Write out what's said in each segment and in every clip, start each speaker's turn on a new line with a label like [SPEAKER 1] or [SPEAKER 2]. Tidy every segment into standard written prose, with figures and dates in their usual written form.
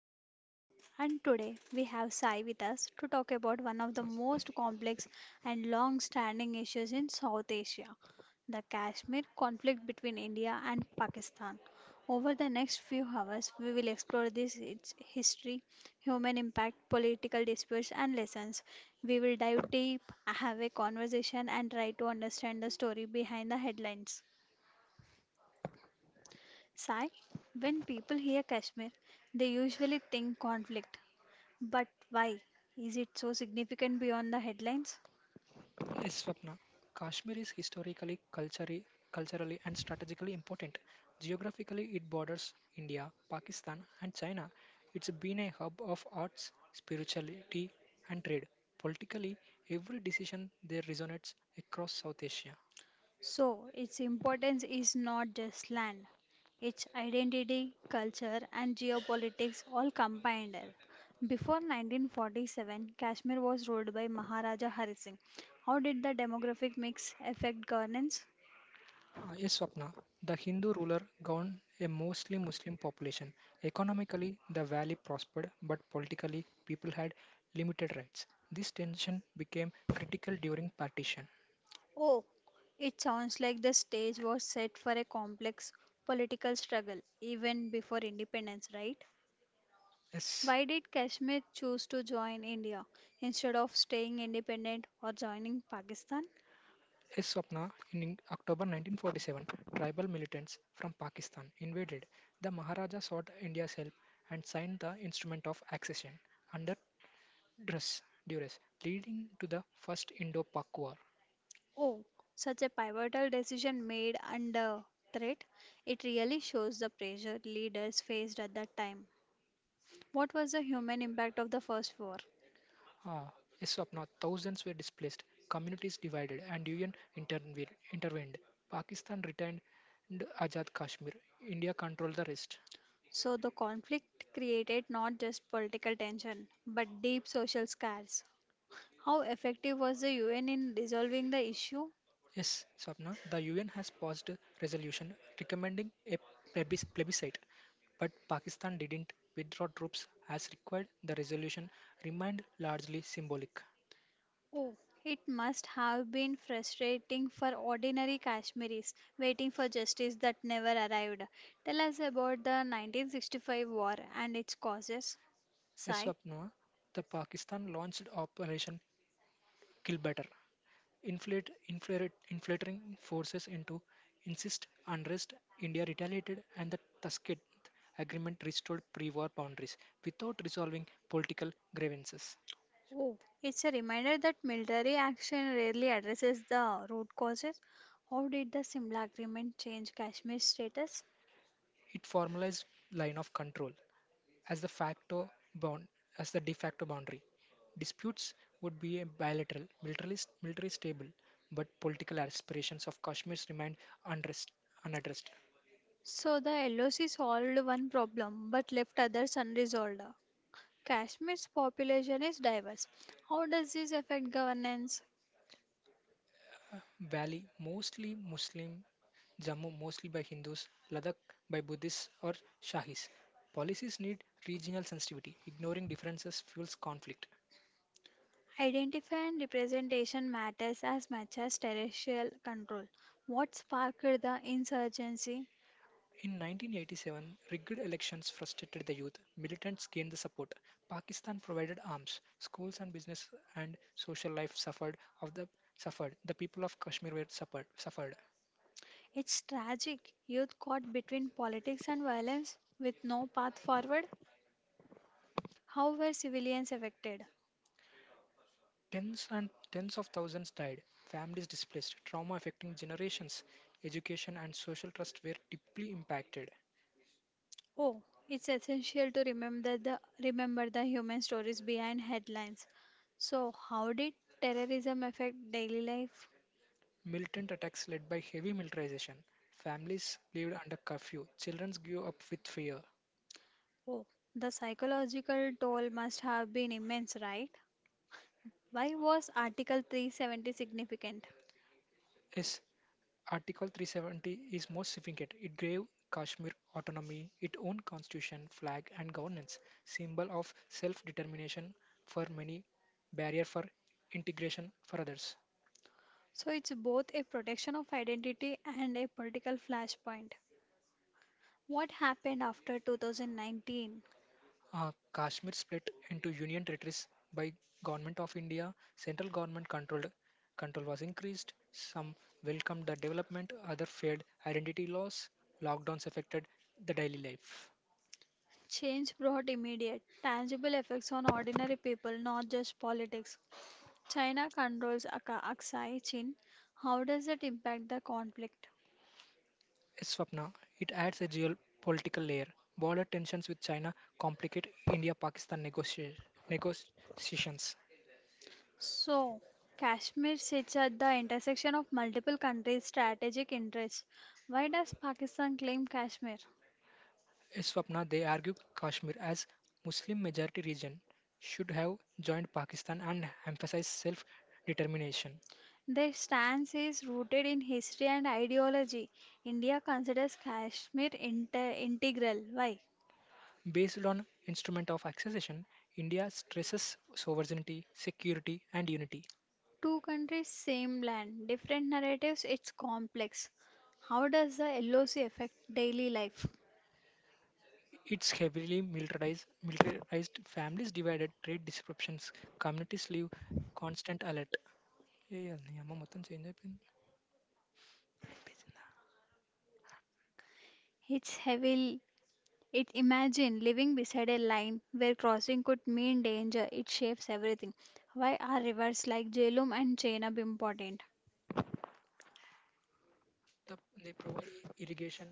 [SPEAKER 1] I'm Swapna and today we have Sai with us to talk about one of the most complex and long standing issues in South Asia, the Kashmir conflict between India and Pakistan. Over the next few hours, we will explore this, its history, human impact, political disputes, and lessons. We will dive deep, have a conversation, and try to understand the story behind the headlines. Sai, when people hear Kashmir, they usually think conflict. But why? Is it so significant beyond the headlines?
[SPEAKER 2] Yes, Swapna. Kashmir is historically, culturally, and strategically important. Geographically, it borders India, Pakistan, and China. It's been a hub of arts, spirituality, and trade. Politically, every decision there resonates across South Asia.
[SPEAKER 1] So, its importance is not just land, its identity, culture, and geopolitics all combined. Before 1947, Kashmir was ruled by Maharaja Hari Singh. How did the demographic mix affect governance?
[SPEAKER 2] Yes, Swapna. The Hindu ruler governed a mostly Muslim population. Economically, the valley prospered, but politically, people had limited rights. This tension became critical during partition.
[SPEAKER 1] Oh, it sounds like the stage was set for a complex political struggle even before independence, right?
[SPEAKER 2] S.
[SPEAKER 1] Why did Kashmir choose to join India instead of staying independent or joining Pakistan?
[SPEAKER 2] S. Swapna, in October 1947, tribal militants from Pakistan invaded. The Maharaja sought India's help and signed the Instrument of Accession under duress, duress leading to the First Indo-Pak War.
[SPEAKER 1] Oh, Such a pivotal decision made under threat. It really shows the pressure leaders faced at that time. What was the human impact of the first war?
[SPEAKER 2] Ah, S. Swapna, thousands were displaced, communities divided, and UN intervened. Pakistan retained Ajad Kashmir. India controlled the rest.
[SPEAKER 1] So, the conflict created not just political tension but deep social scars. How effective was the UN in resolving the issue?
[SPEAKER 2] Yes, Swapna, the UN has passed a resolution recommending a plebiscite, but Pakistan didn't withdraw troops as required. The resolution remained largely symbolic.
[SPEAKER 1] Oh, It must have been frustrating for ordinary Kashmiris waiting for justice that never arrived. Tell us about the 1965 war and its causes.
[SPEAKER 2] Yes,
[SPEAKER 1] Sai, sure.
[SPEAKER 2] Swapna, the Pakistan launched Operation Killbatter, infiltrating forces into insist unrest. India retaliated, and the Tashkent Agreement restored pre-war boundaries without resolving political grievances.
[SPEAKER 1] Oh, it's a reminder that military action rarely addresses the root causes. How did the Simla Agreement change Kashmir's status?
[SPEAKER 2] It formalized line of control as the facto bound as the de facto boundary. Disputes would be a bilateral, military stable, but political aspirations of Kashmir remained unrest, unaddressed.
[SPEAKER 1] So the LOC solved one problem but left others unresolved. Kashmir's population is diverse. How does this affect governance?
[SPEAKER 2] Valley mostly Muslim, Jammu mostly by Hindus, Ladakh by Buddhists or Shahis. Policies need regional sensitivity. Ignoring differences fuels conflict.
[SPEAKER 1] Identify and representation matters as much as terrestrial control. What sparked the insurgency?
[SPEAKER 2] In 1987, rigged elections frustrated the youth. Militants gained the support. Pakistan provided arms. Schools and business and social life suffered. The people of Kashmir were suffered.
[SPEAKER 1] It's tragic. Youth caught between politics and violence with no path forward. How were civilians affected?
[SPEAKER 2] Tens and tens of thousands died. Families displaced. Trauma affecting generations. Education and social trust were deeply impacted.
[SPEAKER 1] Oh, it's essential to remember the human stories behind headlines. So, how did terrorism affect daily life?
[SPEAKER 2] Militant attacks led by heavy militarization. Families lived under curfew. Children grew up with fear.
[SPEAKER 1] Oh, the psychological toll must have been immense, right? Why was Article 370 significant?
[SPEAKER 2] Yes, Article 370 is more significant. It gave Kashmir autonomy, its own constitution, flag, and governance, symbol of self determination for many, barrier for integration for others.
[SPEAKER 1] So it's both a protection of identity and a political flashpoint. What happened after 2019?
[SPEAKER 2] Kashmir split into union territories by government of India. Central government control was increased. Some welcomed the development, other feared identity loss. Lockdowns affected the daily life.
[SPEAKER 1] Change brought immediate, tangible effects on ordinary people, not just politics. China controls Aksai Chin. How does it impact the conflict?
[SPEAKER 2] Swapna, it adds a geopolitical layer. Border tensions with China complicate India Pakistan negotiations.
[SPEAKER 1] So, Kashmir sits at the intersection of multiple countries' strategic interests. Why does Pakistan claim Kashmir?
[SPEAKER 2] Swapna, they argue Kashmir as Muslim majority region should have joined Pakistan and emphasize self determination.
[SPEAKER 1] Their stance is rooted in history and ideology. India considers Kashmir integral. Why?
[SPEAKER 2] Based on instrument of accession, India stresses sovereignty, security, and unity.
[SPEAKER 1] Two countries, same land, different narratives, it's complex. How does the LOC affect daily life?
[SPEAKER 2] It's heavily militarized families divided, trade disruptions, communities live constant alert. ఏ నియమం మొత్తం change అయిపోయింది అనిపించిందా.
[SPEAKER 1] It's heavily It imagine living beside a line where crossing could mean danger. It shapes everything. Why are rivers like Jhelum and Chenab important?
[SPEAKER 2] They provide irrigation,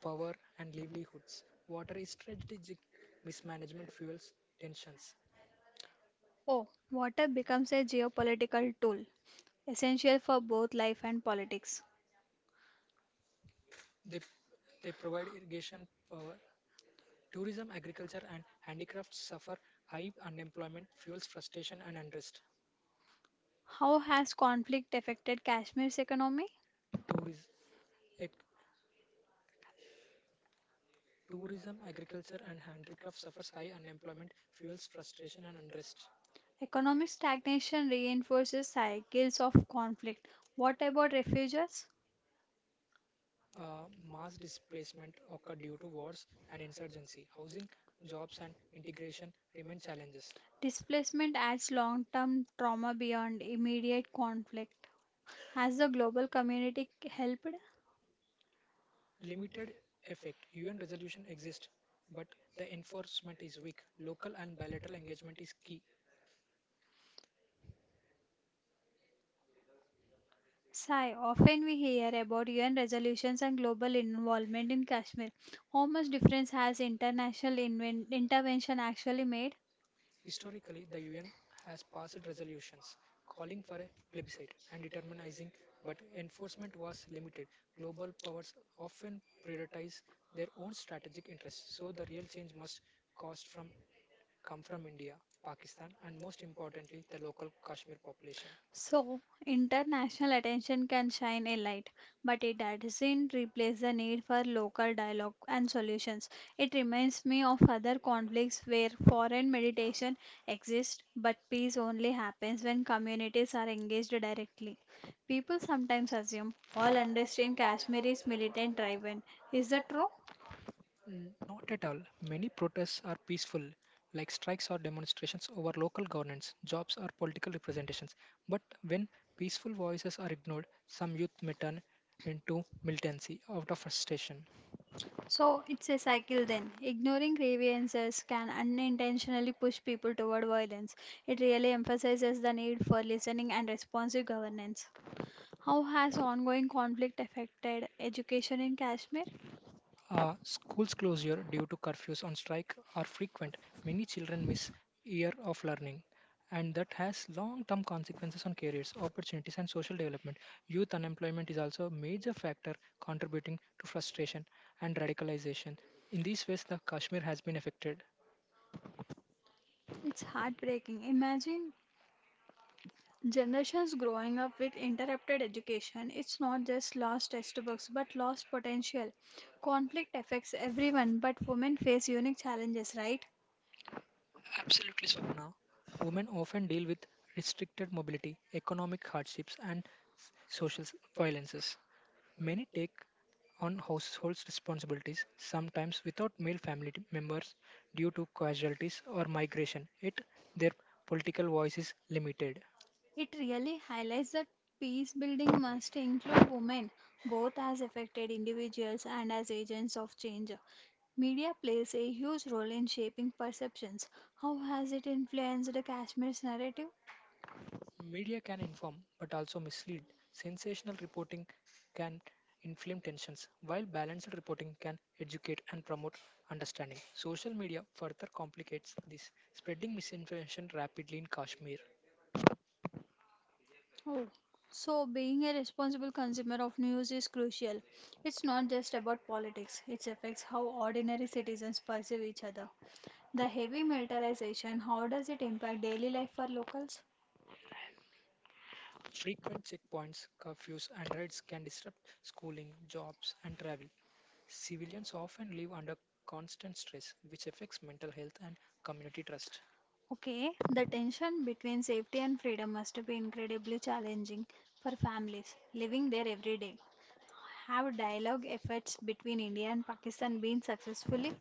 [SPEAKER 2] power, and livelihoods. Water is strategic, mismanagement fuels tensions.
[SPEAKER 1] Oh, Water becomes a geopolitical tool, essential for both life and politics.
[SPEAKER 2] They they provide irrigation, power, tourism, agriculture, and handicrafts suffer high unemployment fuels frustration and unrest.
[SPEAKER 1] How has conflict affected Kashmir's economy?
[SPEAKER 2] tourism Tourism, agriculture, and handicrafts suffers high unemployment, fuels frustration and unrest.
[SPEAKER 1] Economic stagnation reinforces cycles of conflict. What about refugees?
[SPEAKER 2] uh, Mass displacement occur due to wars and insurgency. Housing, jobs, and integration remain challenges.
[SPEAKER 1] Displacement adds long term trauma beyond immediate conflict. Has the global community helped?
[SPEAKER 2] Limited effect. UN resolution exists, but the enforcement is weak. Local and bilateral engagement is key.
[SPEAKER 1] Sai, often we hear about UN resolutions and global involvement in Kashmir. How much difference has international intervention actually made?
[SPEAKER 2] Historically, the UN has passed resolutions calling for a plebiscite and determining, but enforcement was limited. Global powers often prioritize their own strategic interests, so the real change must cost from come from India, Pakistan, and most importantly, the local Kashmir population.
[SPEAKER 1] So, international attention can shine a light, but it doesn't replace the need for local dialogue and solutions. It reminds me of other conflicts where foreign mediation exists, but peace only happens when communities are engaged directly. People sometimes assume all understand Kashmir is militant driven. Is that true?
[SPEAKER 2] Not at all. Many protests are peaceful, like strikes or demonstrations over local governance, jobs, or political representations. But when peaceful voices are ignored, some youth may turn into militancy out of frustration.
[SPEAKER 1] So it's a cycle then. Ignoring grievances can unintentionally push people toward violence. It really emphasizes the need for listening and responsive governance. How has ongoing conflict affected education in Kashmir?
[SPEAKER 2] Schools closure due to curfews on strike are frequent. Many children miss year of learning, and that has long-term consequences on careers, opportunities, and social development. Youth unemployment is also a major factor contributing to frustration and radicalization. In these ways, the Kashmir has been affected.
[SPEAKER 1] It's heartbreaking. Imagine generations growing up with interrupted education. It's not just lost textbooks but lost potential. Conflict affects everyone, but women face unique challenges, right?
[SPEAKER 2] Absolutely, Swapna. Women often deal with restricted mobility, economic hardships, and social violences. Many take on households' responsibilities, sometimes without male family members due to casualties or migration. It their political voice is limited.
[SPEAKER 1] It really highlights that peace building must include women, both as affected individuals and as agents of change. Media plays a huge role in shaping perceptions. How has it influenced Kashmir's narrative?
[SPEAKER 2] Media can inform but also mislead. Sensational reporting can inflame tensions, while balanced reporting can educate and promote understanding. Social media further complicates this, spreading misinformation rapidly in Kashmir.
[SPEAKER 1] Oh, so being a responsible consumer of news is crucial. It's not just about politics, it affects how ordinary citizens perceive each other. The heavy militarization, how does it impact daily life for locals?
[SPEAKER 2] Frequent checkpoints, curfews, and raids can disrupt schooling, jobs, and travel. Civilians often live under constant stress, which affects mental health and community trust.
[SPEAKER 1] Okay, the tension between safety and freedom must be incredibly challenging for families living there every day. Have dialogue efforts between India and Pakistan been successfully?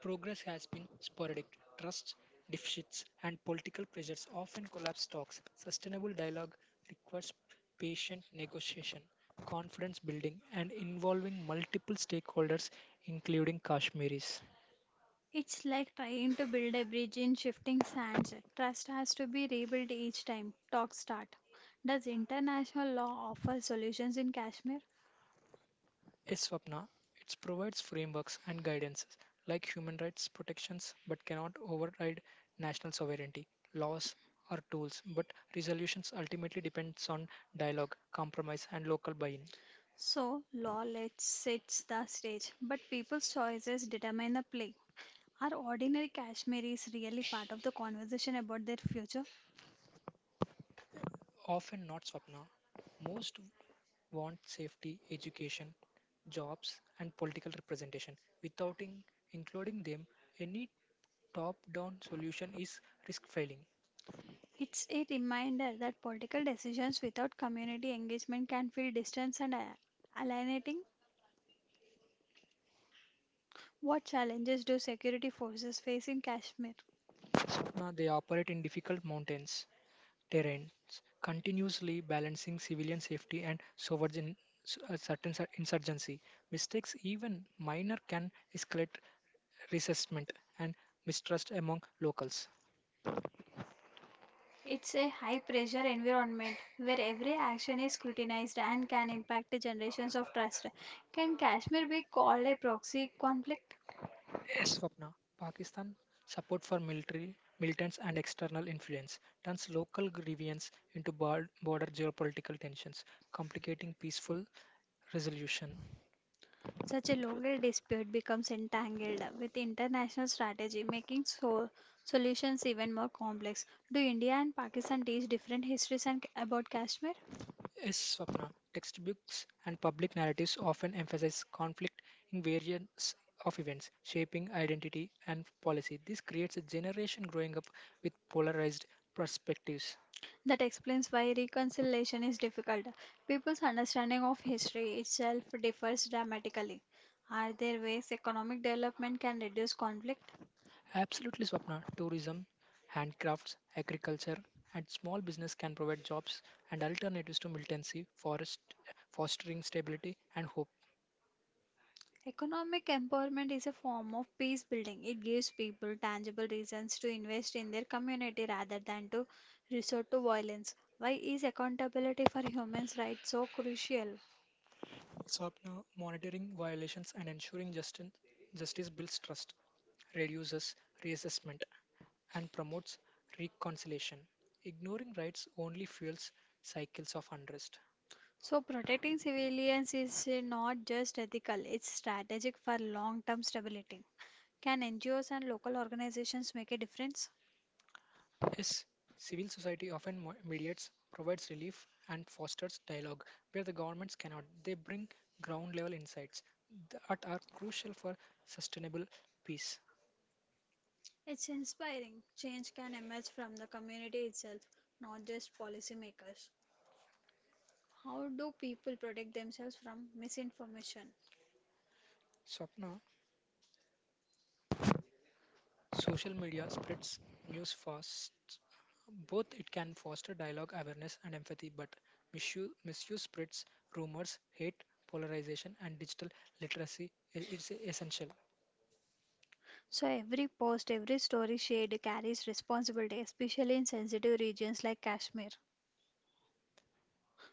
[SPEAKER 2] Progress has been sporadic. Trust deficits and political pressures often collapse talks. Sustainable dialogue requires patient negotiation, confidence building, and involving multiple stakeholders, including Kashmiris.
[SPEAKER 1] It's like trying to build a bridge in shifting sands. Trust has to be rebuilt each time talks start. Does international law offer solutions in Kashmir?
[SPEAKER 2] Is Swapna. It provides frameworks and guidances like human rights protections but cannot override national sovereignty, laws or tools, but resolutions ultimately depends on dialogue, compromise and local buy-in.
[SPEAKER 1] So, law lets sets the stage, but people's choices determine the play. Are ordinary Kashmiris really part of the conversation about their future?
[SPEAKER 2] Often not, Swapna. Most want safety, education, jobs and political representation. Without including them, any top-down solution is risk failing.
[SPEAKER 1] It's a reminder that political decisions without community engagement can feel distant and alienating. What challenges do security forces face in Kashmir?
[SPEAKER 2] Swapna, they operate in difficult mountains terrains, continuously balancing civilian safety and sovereign certain insurgency. Mistakes, even minor, can escalate resentment and mistrust among locals.
[SPEAKER 1] It's a high pressure environment where every action is scrutinized and can impact generations of trust. Can Kashmir be called a proxy conflict?
[SPEAKER 2] Yes, Swapna, Pakistan support for military militants and external influence turns local grievances into border geopolitical tensions, complicating peaceful resolution.
[SPEAKER 1] Such a local dispute becomes entangled with international strategy, making so solutions even more complex. Do India and Pakistan teach different histories and about Kashmir?
[SPEAKER 2] Yes, Swapna. Textbooks and public narratives often emphasize conflict in variants of events, shaping identity and policy. This creates a generation growing up with polarized perspectives.
[SPEAKER 1] That explains why reconciliation is difficult. People's understanding of history itself differs dramatically. Are there ways economic development can reduce conflict?
[SPEAKER 2] Absolutely, Swapna. Tourism, handcrafts, agriculture, and small business can provide jobs and alternatives to militancy, fostering stability and hope.
[SPEAKER 1] Economic empowerment is a form of peace building. It gives people tangible reasons to invest in their community rather than to resort to violence. Why is accountability for human rights so crucial?
[SPEAKER 2] Swapna, monitoring violations and ensuring justice builds trust, reduces reassessment, and promotes reconciliation. Ignoring rights only fuels cycles of unrest.
[SPEAKER 1] So, protecting civilians is not just ethical, it's strategic for long term stability. Can NGOs and local organizations make a difference?
[SPEAKER 2] Yes, civil society often mediates, provides relief, and fosters dialogue where the governments cannot. They bring ground level insights that are crucial for sustainable peace.
[SPEAKER 1] It's inspiring. Change can emerge from the community itself, not just policymakers. How do people protect themselves from misinformation?
[SPEAKER 2] Swapna, social media spreads news fast. Both it can foster dialogue, awareness, and empathy, but misuse spreads rumors, hate, polarization, and digital literacy is essential.
[SPEAKER 1] So every post, every story shared carries responsibility, especially in sensitive regions like Kashmir.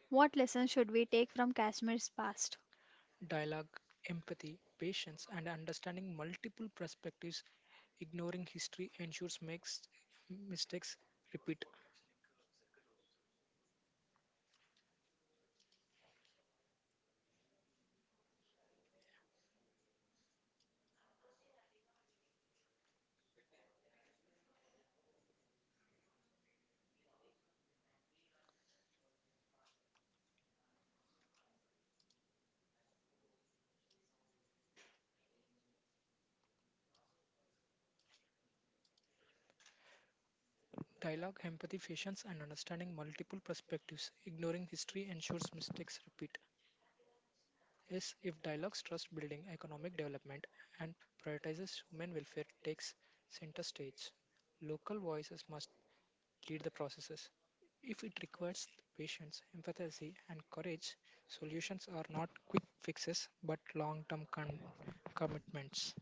[SPEAKER 1] What lessons should we take from Kashmir's past?
[SPEAKER 2] Dialogue, empathy, patience, and understanding multiple perspectives, ignoring history ensures makes mistakes repeat. Dialogue, empathy, patience, and understanding multiple perspectives, ignoring history ensures mistakes repeat. Is if dialogues trust building economic development and prioritizes human welfare takes center stage. Local voices must lead the processes. If it requires patience, empathy, and courage, solutions are not quick fixes but long term commitments.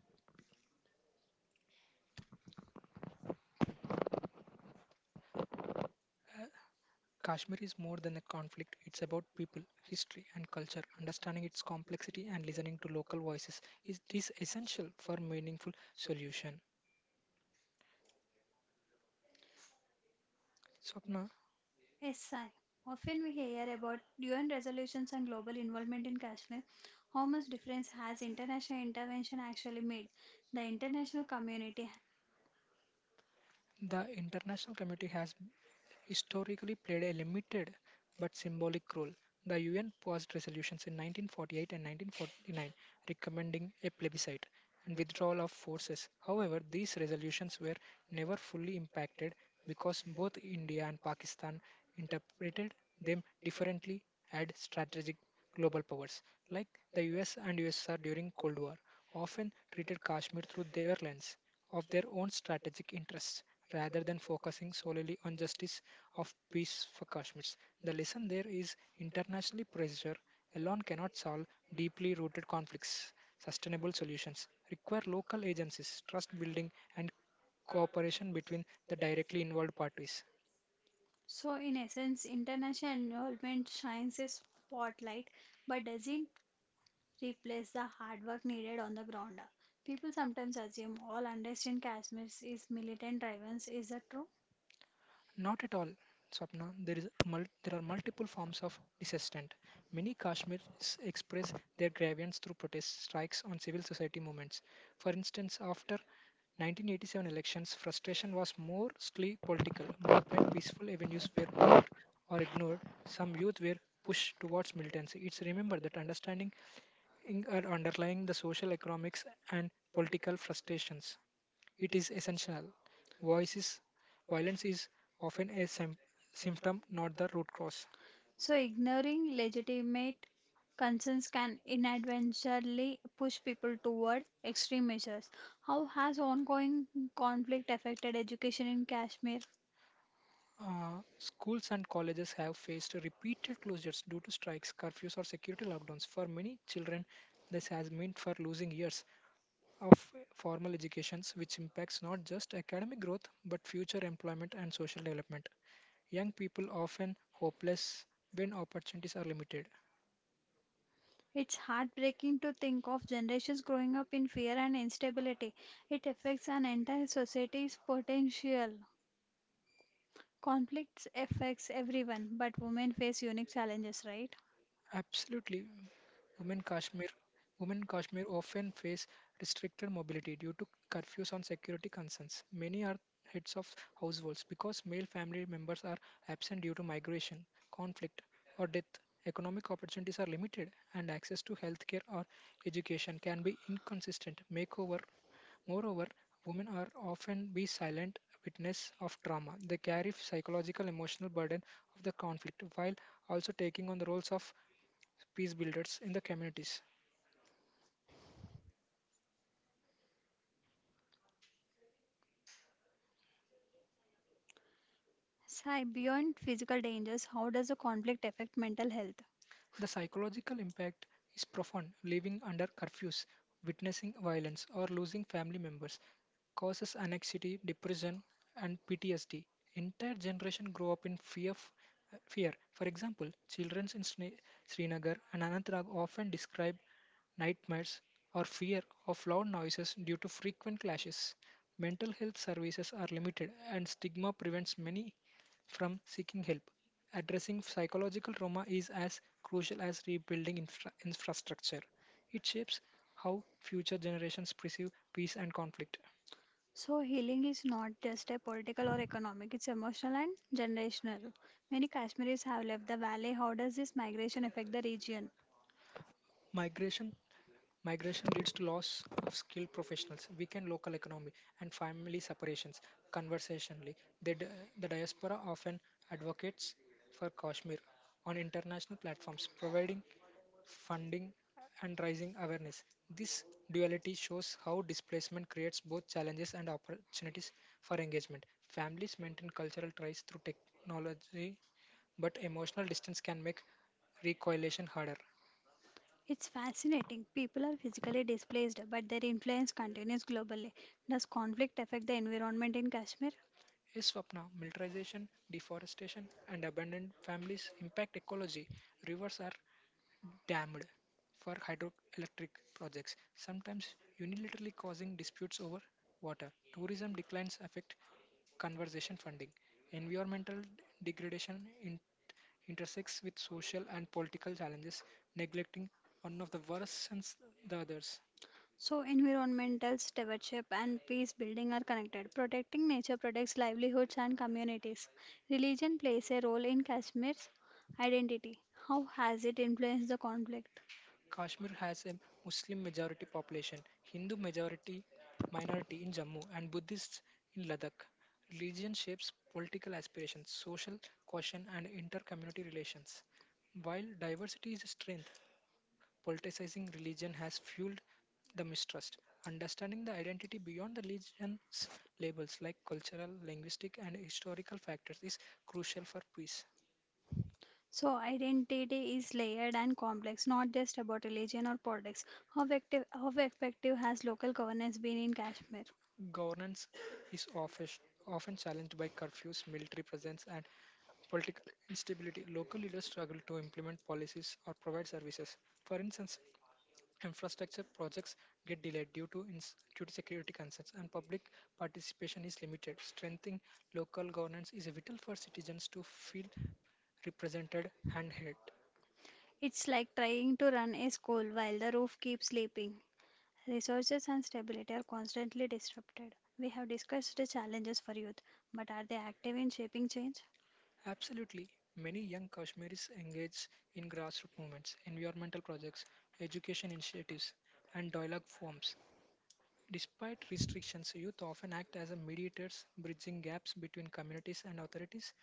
[SPEAKER 2] Kashmir is more than a conflict, it's about people, history, and culture. Understanding its complexity and listening to local voices is essential for meaningful solution. Swapna,
[SPEAKER 1] Yes, I. Often we hear about UN resolutions and global involvement in Kashmir. How much difference has international intervention actually made? The international community.
[SPEAKER 2] the international community has historically played a limited but symbolic role. The UN passed resolutions in 1948 and 1949 recommending a plebiscite, and withdrawal of forces. However, these resolutions were never fully impacted because both India and Pakistan interpreted them differently as strategic global powers, like the US and USSR during Cold War, often treated Kashmir through their lens of their own strategic interests rather than focusing solely on justice of peace for Kashmirs. The lesson there is internationally pressure alone cannot solve deeply rooted conflicts. Sustainable solutions require local agencies, trust building, and cooperation between the directly involved parties.
[SPEAKER 1] So, in essence, international involvement shines a spotlight but doesn't replace the hard work needed on the ground. People sometimes assume all unrest in Kashmir is militant driven. Is that true?
[SPEAKER 2] Not at all, Swapna. There are multiple forms of dissent. Many Kashmiris express their grievance through protests, strikes, on civil society movements. For instance, after 1987 elections, frustration was mostly political, but when peaceful avenues were or ignored, some youth were pushed towards militancy. It's remember that understanding are underlying the social, economics, and political frustrations. It is essential. Voice is, Violence is often a symptom, not the root cause.
[SPEAKER 1] So, ignoring legitimate concerns can inadvertently push people toward extreme measures. How has ongoing conflict affected education in Kashmir?
[SPEAKER 2] Schools and colleges have faced repeated closures due to strikes, curfews, or security lockdowns. For many children, this has meant for losing years of formal educations, which impacts not just academic growth but future employment and social development. Young people often hopeless when opportunities are limited.
[SPEAKER 1] It's heartbreaking to think of generations growing up in fear and instability. It affects an entire society's potential. Conflicts affects everyone, but women face unique challenges, right?
[SPEAKER 2] Absolutely. Women Kashmir women Kashmir often face restricted mobility due to curfews on security concerns. Many are heads of households because male family members are absent due to migration, conflict, or death. Economic opportunities are limited and access to healthcare or education can be inconsistent. Makeover Moreover, women are often be silent witness of trauma. They carry psychological emotional burden of the conflict while also taking on the roles of peace builders in the communities.
[SPEAKER 1] Sai, beyond physical dangers, how does a conflict affect mental health?
[SPEAKER 2] The psychological impact is profound. Living under curfews, witnessing violence, or losing family members causes anxiety, depression, and PTSD. Entire generation grow up in fear. Fear. For example, children in Srinagar and Anantrag often describe nightmares or fear of loud noises due to frequent clashes. Mental health services are limited, and stigma prevents many from seeking help. Addressing psychological trauma is as crucial as rebuilding infrastructure. It shapes how future generations perceive peace and conflict.
[SPEAKER 1] So healing is not just a political or economic, it's emotional and generational. Many Kashmiris have left the valley. How does this migration affect the region?
[SPEAKER 2] Migration migration leads to loss of skilled professionals, weakened local economy, and family separations. Conversationally, the, di- the diaspora often advocates for Kashmir on international platforms, providing funding and raising awareness. This duality shows how displacement creates both challenges and opportunities for engagement. Families maintain cultural ties through technology, but emotional distance can make reconciliation harder.
[SPEAKER 1] It's fascinating. People are physically displaced, but their influence continues globally. Does conflict affect the environment in Kashmir?
[SPEAKER 2] Is Swapna, militarization, deforestation, and abandoned families impact ecology. Rivers are dammed for hydroelectric projects, sometimes unilaterally causing disputes over water. Tourism declines affect conservation funding. Environmental degradation intersects with social and political challenges, neglecting one of the worst and the others.
[SPEAKER 1] So, environmental stewardship and peace building are connected. Protecting nature protects livelihoods and communities. Religion plays a role in Kashmir's identity. How has it influenced the conflict?
[SPEAKER 2] Kashmir has a Muslim majority population, Hindu majority minority in Jammu, and Buddhists in Ladakh. Religion shapes political aspirations, social cohesion, and inter-community relations. While diversity is a strength, politicizing religion has fueled the mistrust. Understanding the identity beyond the religion's labels, like cultural, linguistic, and historical factors, is crucial for peace.
[SPEAKER 1] So, identity is layered and complex, not just about religion or politics. How effective has local governance been in Kashmir?
[SPEAKER 2] Governance is often challenged by curfews, military presence, and political instability. Local leaders struggle to implement policies or provide services. For instance, infrastructure projects get delayed due to security concerns, and public participation is limited. Strengthening local governance is vital for citizens to feel represented and heard.
[SPEAKER 1] It's like trying to run a school while the roof keeps sleeping. Resources and stability are constantly disrupted. We have discussed the challenges for youth, but are they active in shaping change?
[SPEAKER 2] Absolutely. Many young Kashmiris engage in grassroots movements, environmental projects, education initiatives, and dialogue forums. Despite restrictions, youth often act as a mediators, bridging gaps between communities and authorities.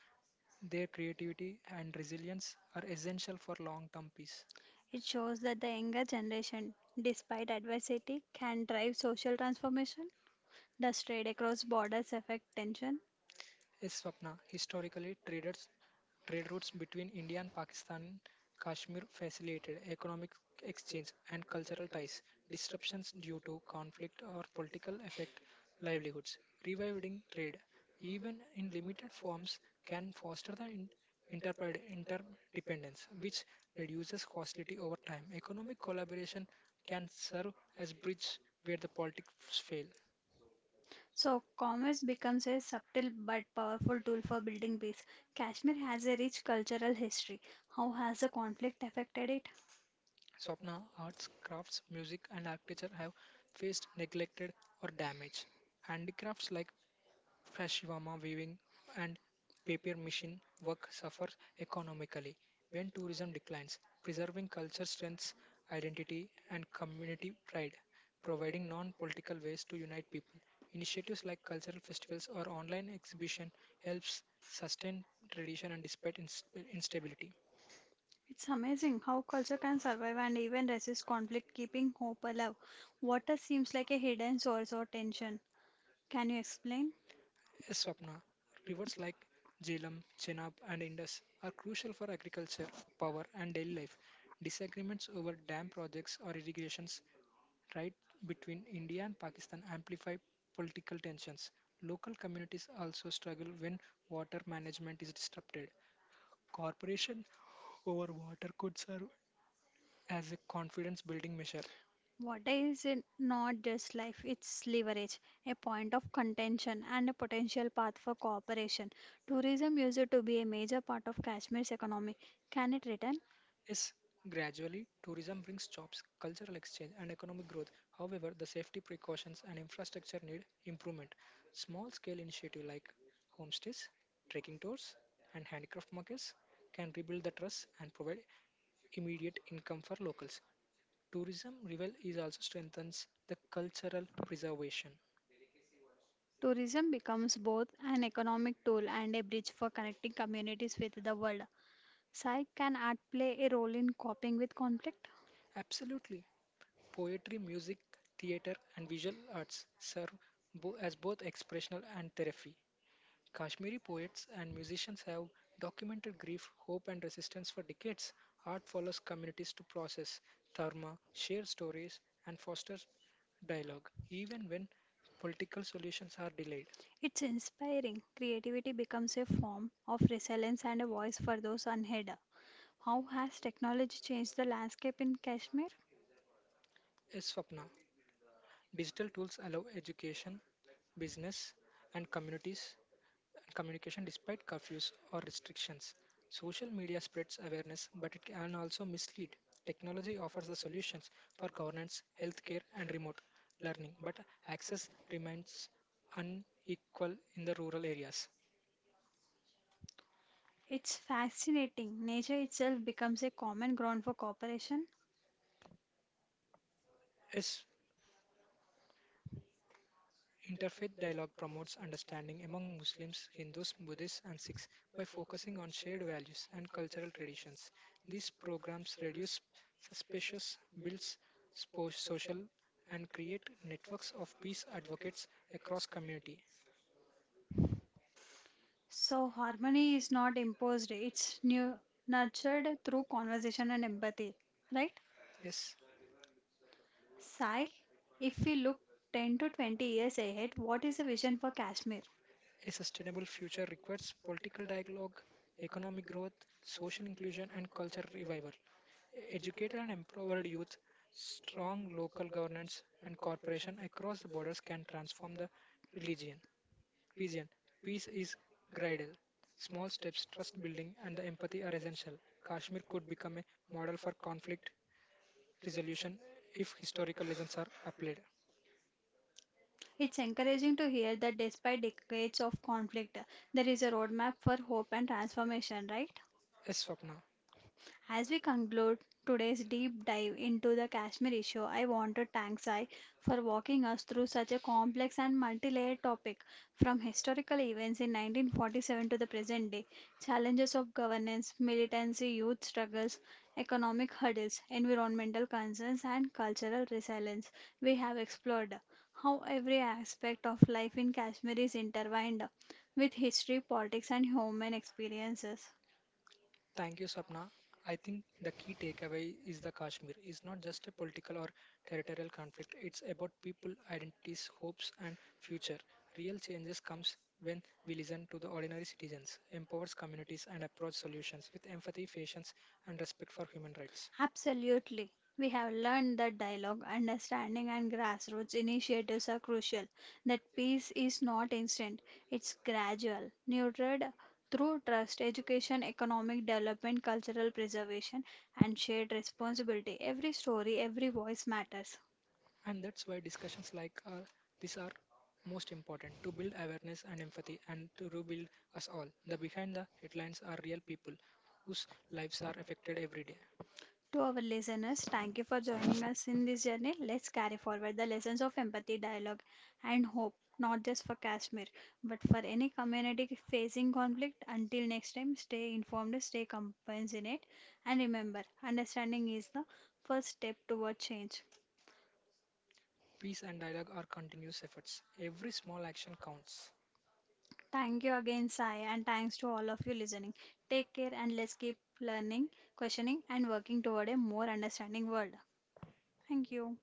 [SPEAKER 2] Their creativity and resilience are essential for long term peace.
[SPEAKER 1] It shows that the younger generation, despite adversity, can drive social transformation. Does trade across borders affect tension?
[SPEAKER 2] Is Swapna. Historically, traders trade routes between India and Pakistan, Kashmir facilitated economic exchange and cultural ties. Disruptions due to conflict or political affect livelihoods. Reviving trade, even in limited forms, can foster interdependence, which reduces hostility over time. Economic collaboration can serve as bridge where the politics fail.
[SPEAKER 1] So, commerce becomes a subtle but powerful tool for building peace. Kashmir has a rich cultural history. How has the conflict affected it?
[SPEAKER 2] Swapna, arts, crafts, music, and architecture have faced neglected or damage. Handicrafts like fashivama weaving and paper machine work suffer economically. When tourism declines, preserving culture strengths, identity, and community pride, providing non-political ways to unite people. Initiatives like cultural festivals or online exhibition helps sustain tradition and despite instability.
[SPEAKER 1] It's amazing how culture can survive and even resist conflict, keeping hope alive. Water seems like a hidden source of tension. Can you explain?
[SPEAKER 2] Yes, Swapna, rivers like Jhelum, Chenab, and Indus are crucial for agriculture, power, and daily life. Disagreements over dam projects or irrigations right between India and Pakistan amplify political tensions. Local communities also struggle when water management is disrupted. Corporation over water could serve as a confidence building measure.
[SPEAKER 1] Water is it not just life, it's leverage, a point of contention, and a potential path for cooperation. Tourism used to be a major part of Kashmir's economy. Can it return?
[SPEAKER 2] Yes, gradually, tourism brings jobs, cultural exchange, and economic growth. However, the safety precautions and infrastructure need improvement. Small scale initiatives like homestays, trekking tours, and handicraft markets can rebuild the trust and provide immediate income for locals. Tourism revel is also strengthens the cultural preservation.
[SPEAKER 1] Tourism becomes both an economic tool and a bridge for connecting communities with the world. Sai, can art play a role in coping with conflict?
[SPEAKER 2] Absolutely. Poetry, music, theater, and visual arts serve as both expressional and therapy. Kashmiri poets and musicians have documented grief, hope, and resistance for decades. Art follows communities to process trauma, share stories, and foster dialogue, even when political solutions are delayed.
[SPEAKER 1] It's inspiring. Creativity becomes a form of resilience and a voice for those unheard. How has technology changed the landscape in Kashmir?
[SPEAKER 2] S. Swapna. Digital tools allow education, business, and communities communication despite curfews or restrictions. Social media spreads awareness, but it can also mislead. Technology offers the solutions for governance, healthcare, and remote learning, but access remains unequal in the rural areas.
[SPEAKER 1] It's fascinating. Nature itself becomes a common ground for cooperation.
[SPEAKER 2] Yes, interfaith dialogue promotes understanding among Muslims, Hindus, Buddhists, and Sikhs by focusing on shared values and cultural traditions. These programs reduce suspicious builds social, and create networks of peace advocates across community.
[SPEAKER 1] So, harmony is not imposed, it's nurtured through conversation and empathy. Right?
[SPEAKER 2] Yes,
[SPEAKER 1] Sai, if we look 10 to 20 years ahead, what is the vision for Kashmir?
[SPEAKER 2] a sustainable future requires political dialogue, economic growth, social inclusion, and cultural revival. Educated and empowered youth, strong local governance, and cooperation across the borders can transform the religion. Region. Peace is gradual. Small steps, trust building, and the empathy are essential. Kashmir could become a model for conflict resolution if historical lessons are applied.
[SPEAKER 1] It's encouraging to hear that despite decades of conflict, there is a roadmap for hope and transformation, right?
[SPEAKER 2] Yes, Swapna.
[SPEAKER 1] As we conclude today's deep dive into the Kashmir issue, I want to thank Sai for walking us through such a complex and multi-layered topic, from historical events in 1947 to the present day, challenges of governance, militancy, youth struggles, economic hurdles, environmental concerns, and cultural resilience. We have explored how every aspect of life in Kashmir is intertwined with history, politics, and human experiences.
[SPEAKER 2] Thank you, Sapna. I think the key takeaway is the Kashmir is not just a political or territorial conflict. It's about people, identities, hopes, and future. Real changes comes when we listen to the ordinary citizens, empowers communities, and approach solutions with empathy, patience, and respect for human rights.
[SPEAKER 1] Absolutely. We have learned that dialogue, understanding, and grassroots initiatives are crucial, that peace is not instant, it's gradual, nurtured through trust, education, economic development, cultural preservation, and shared responsibility. Every story, every voice matters.
[SPEAKER 2] And that's why discussions like this are most important to build awareness and empathy and to rebuild us all. The behind the headlines are real people whose lives are affected every day.
[SPEAKER 1] To our listeners, thank you for joining us in this journey. Let's carry forward the lessons of empathy, dialogue, and hope, not just for Kashmir, but for any community facing conflict. Until next time, stay informed, stay compassionate, and remember, understanding is the first step toward change.
[SPEAKER 2] Peace and dialogue are continuous efforts. Every small action counts.
[SPEAKER 1] Thank you again, Sai, and thanks to all of you listening. Take care, and let's keep learning, questioning, and working toward a more understanding world. Thank you.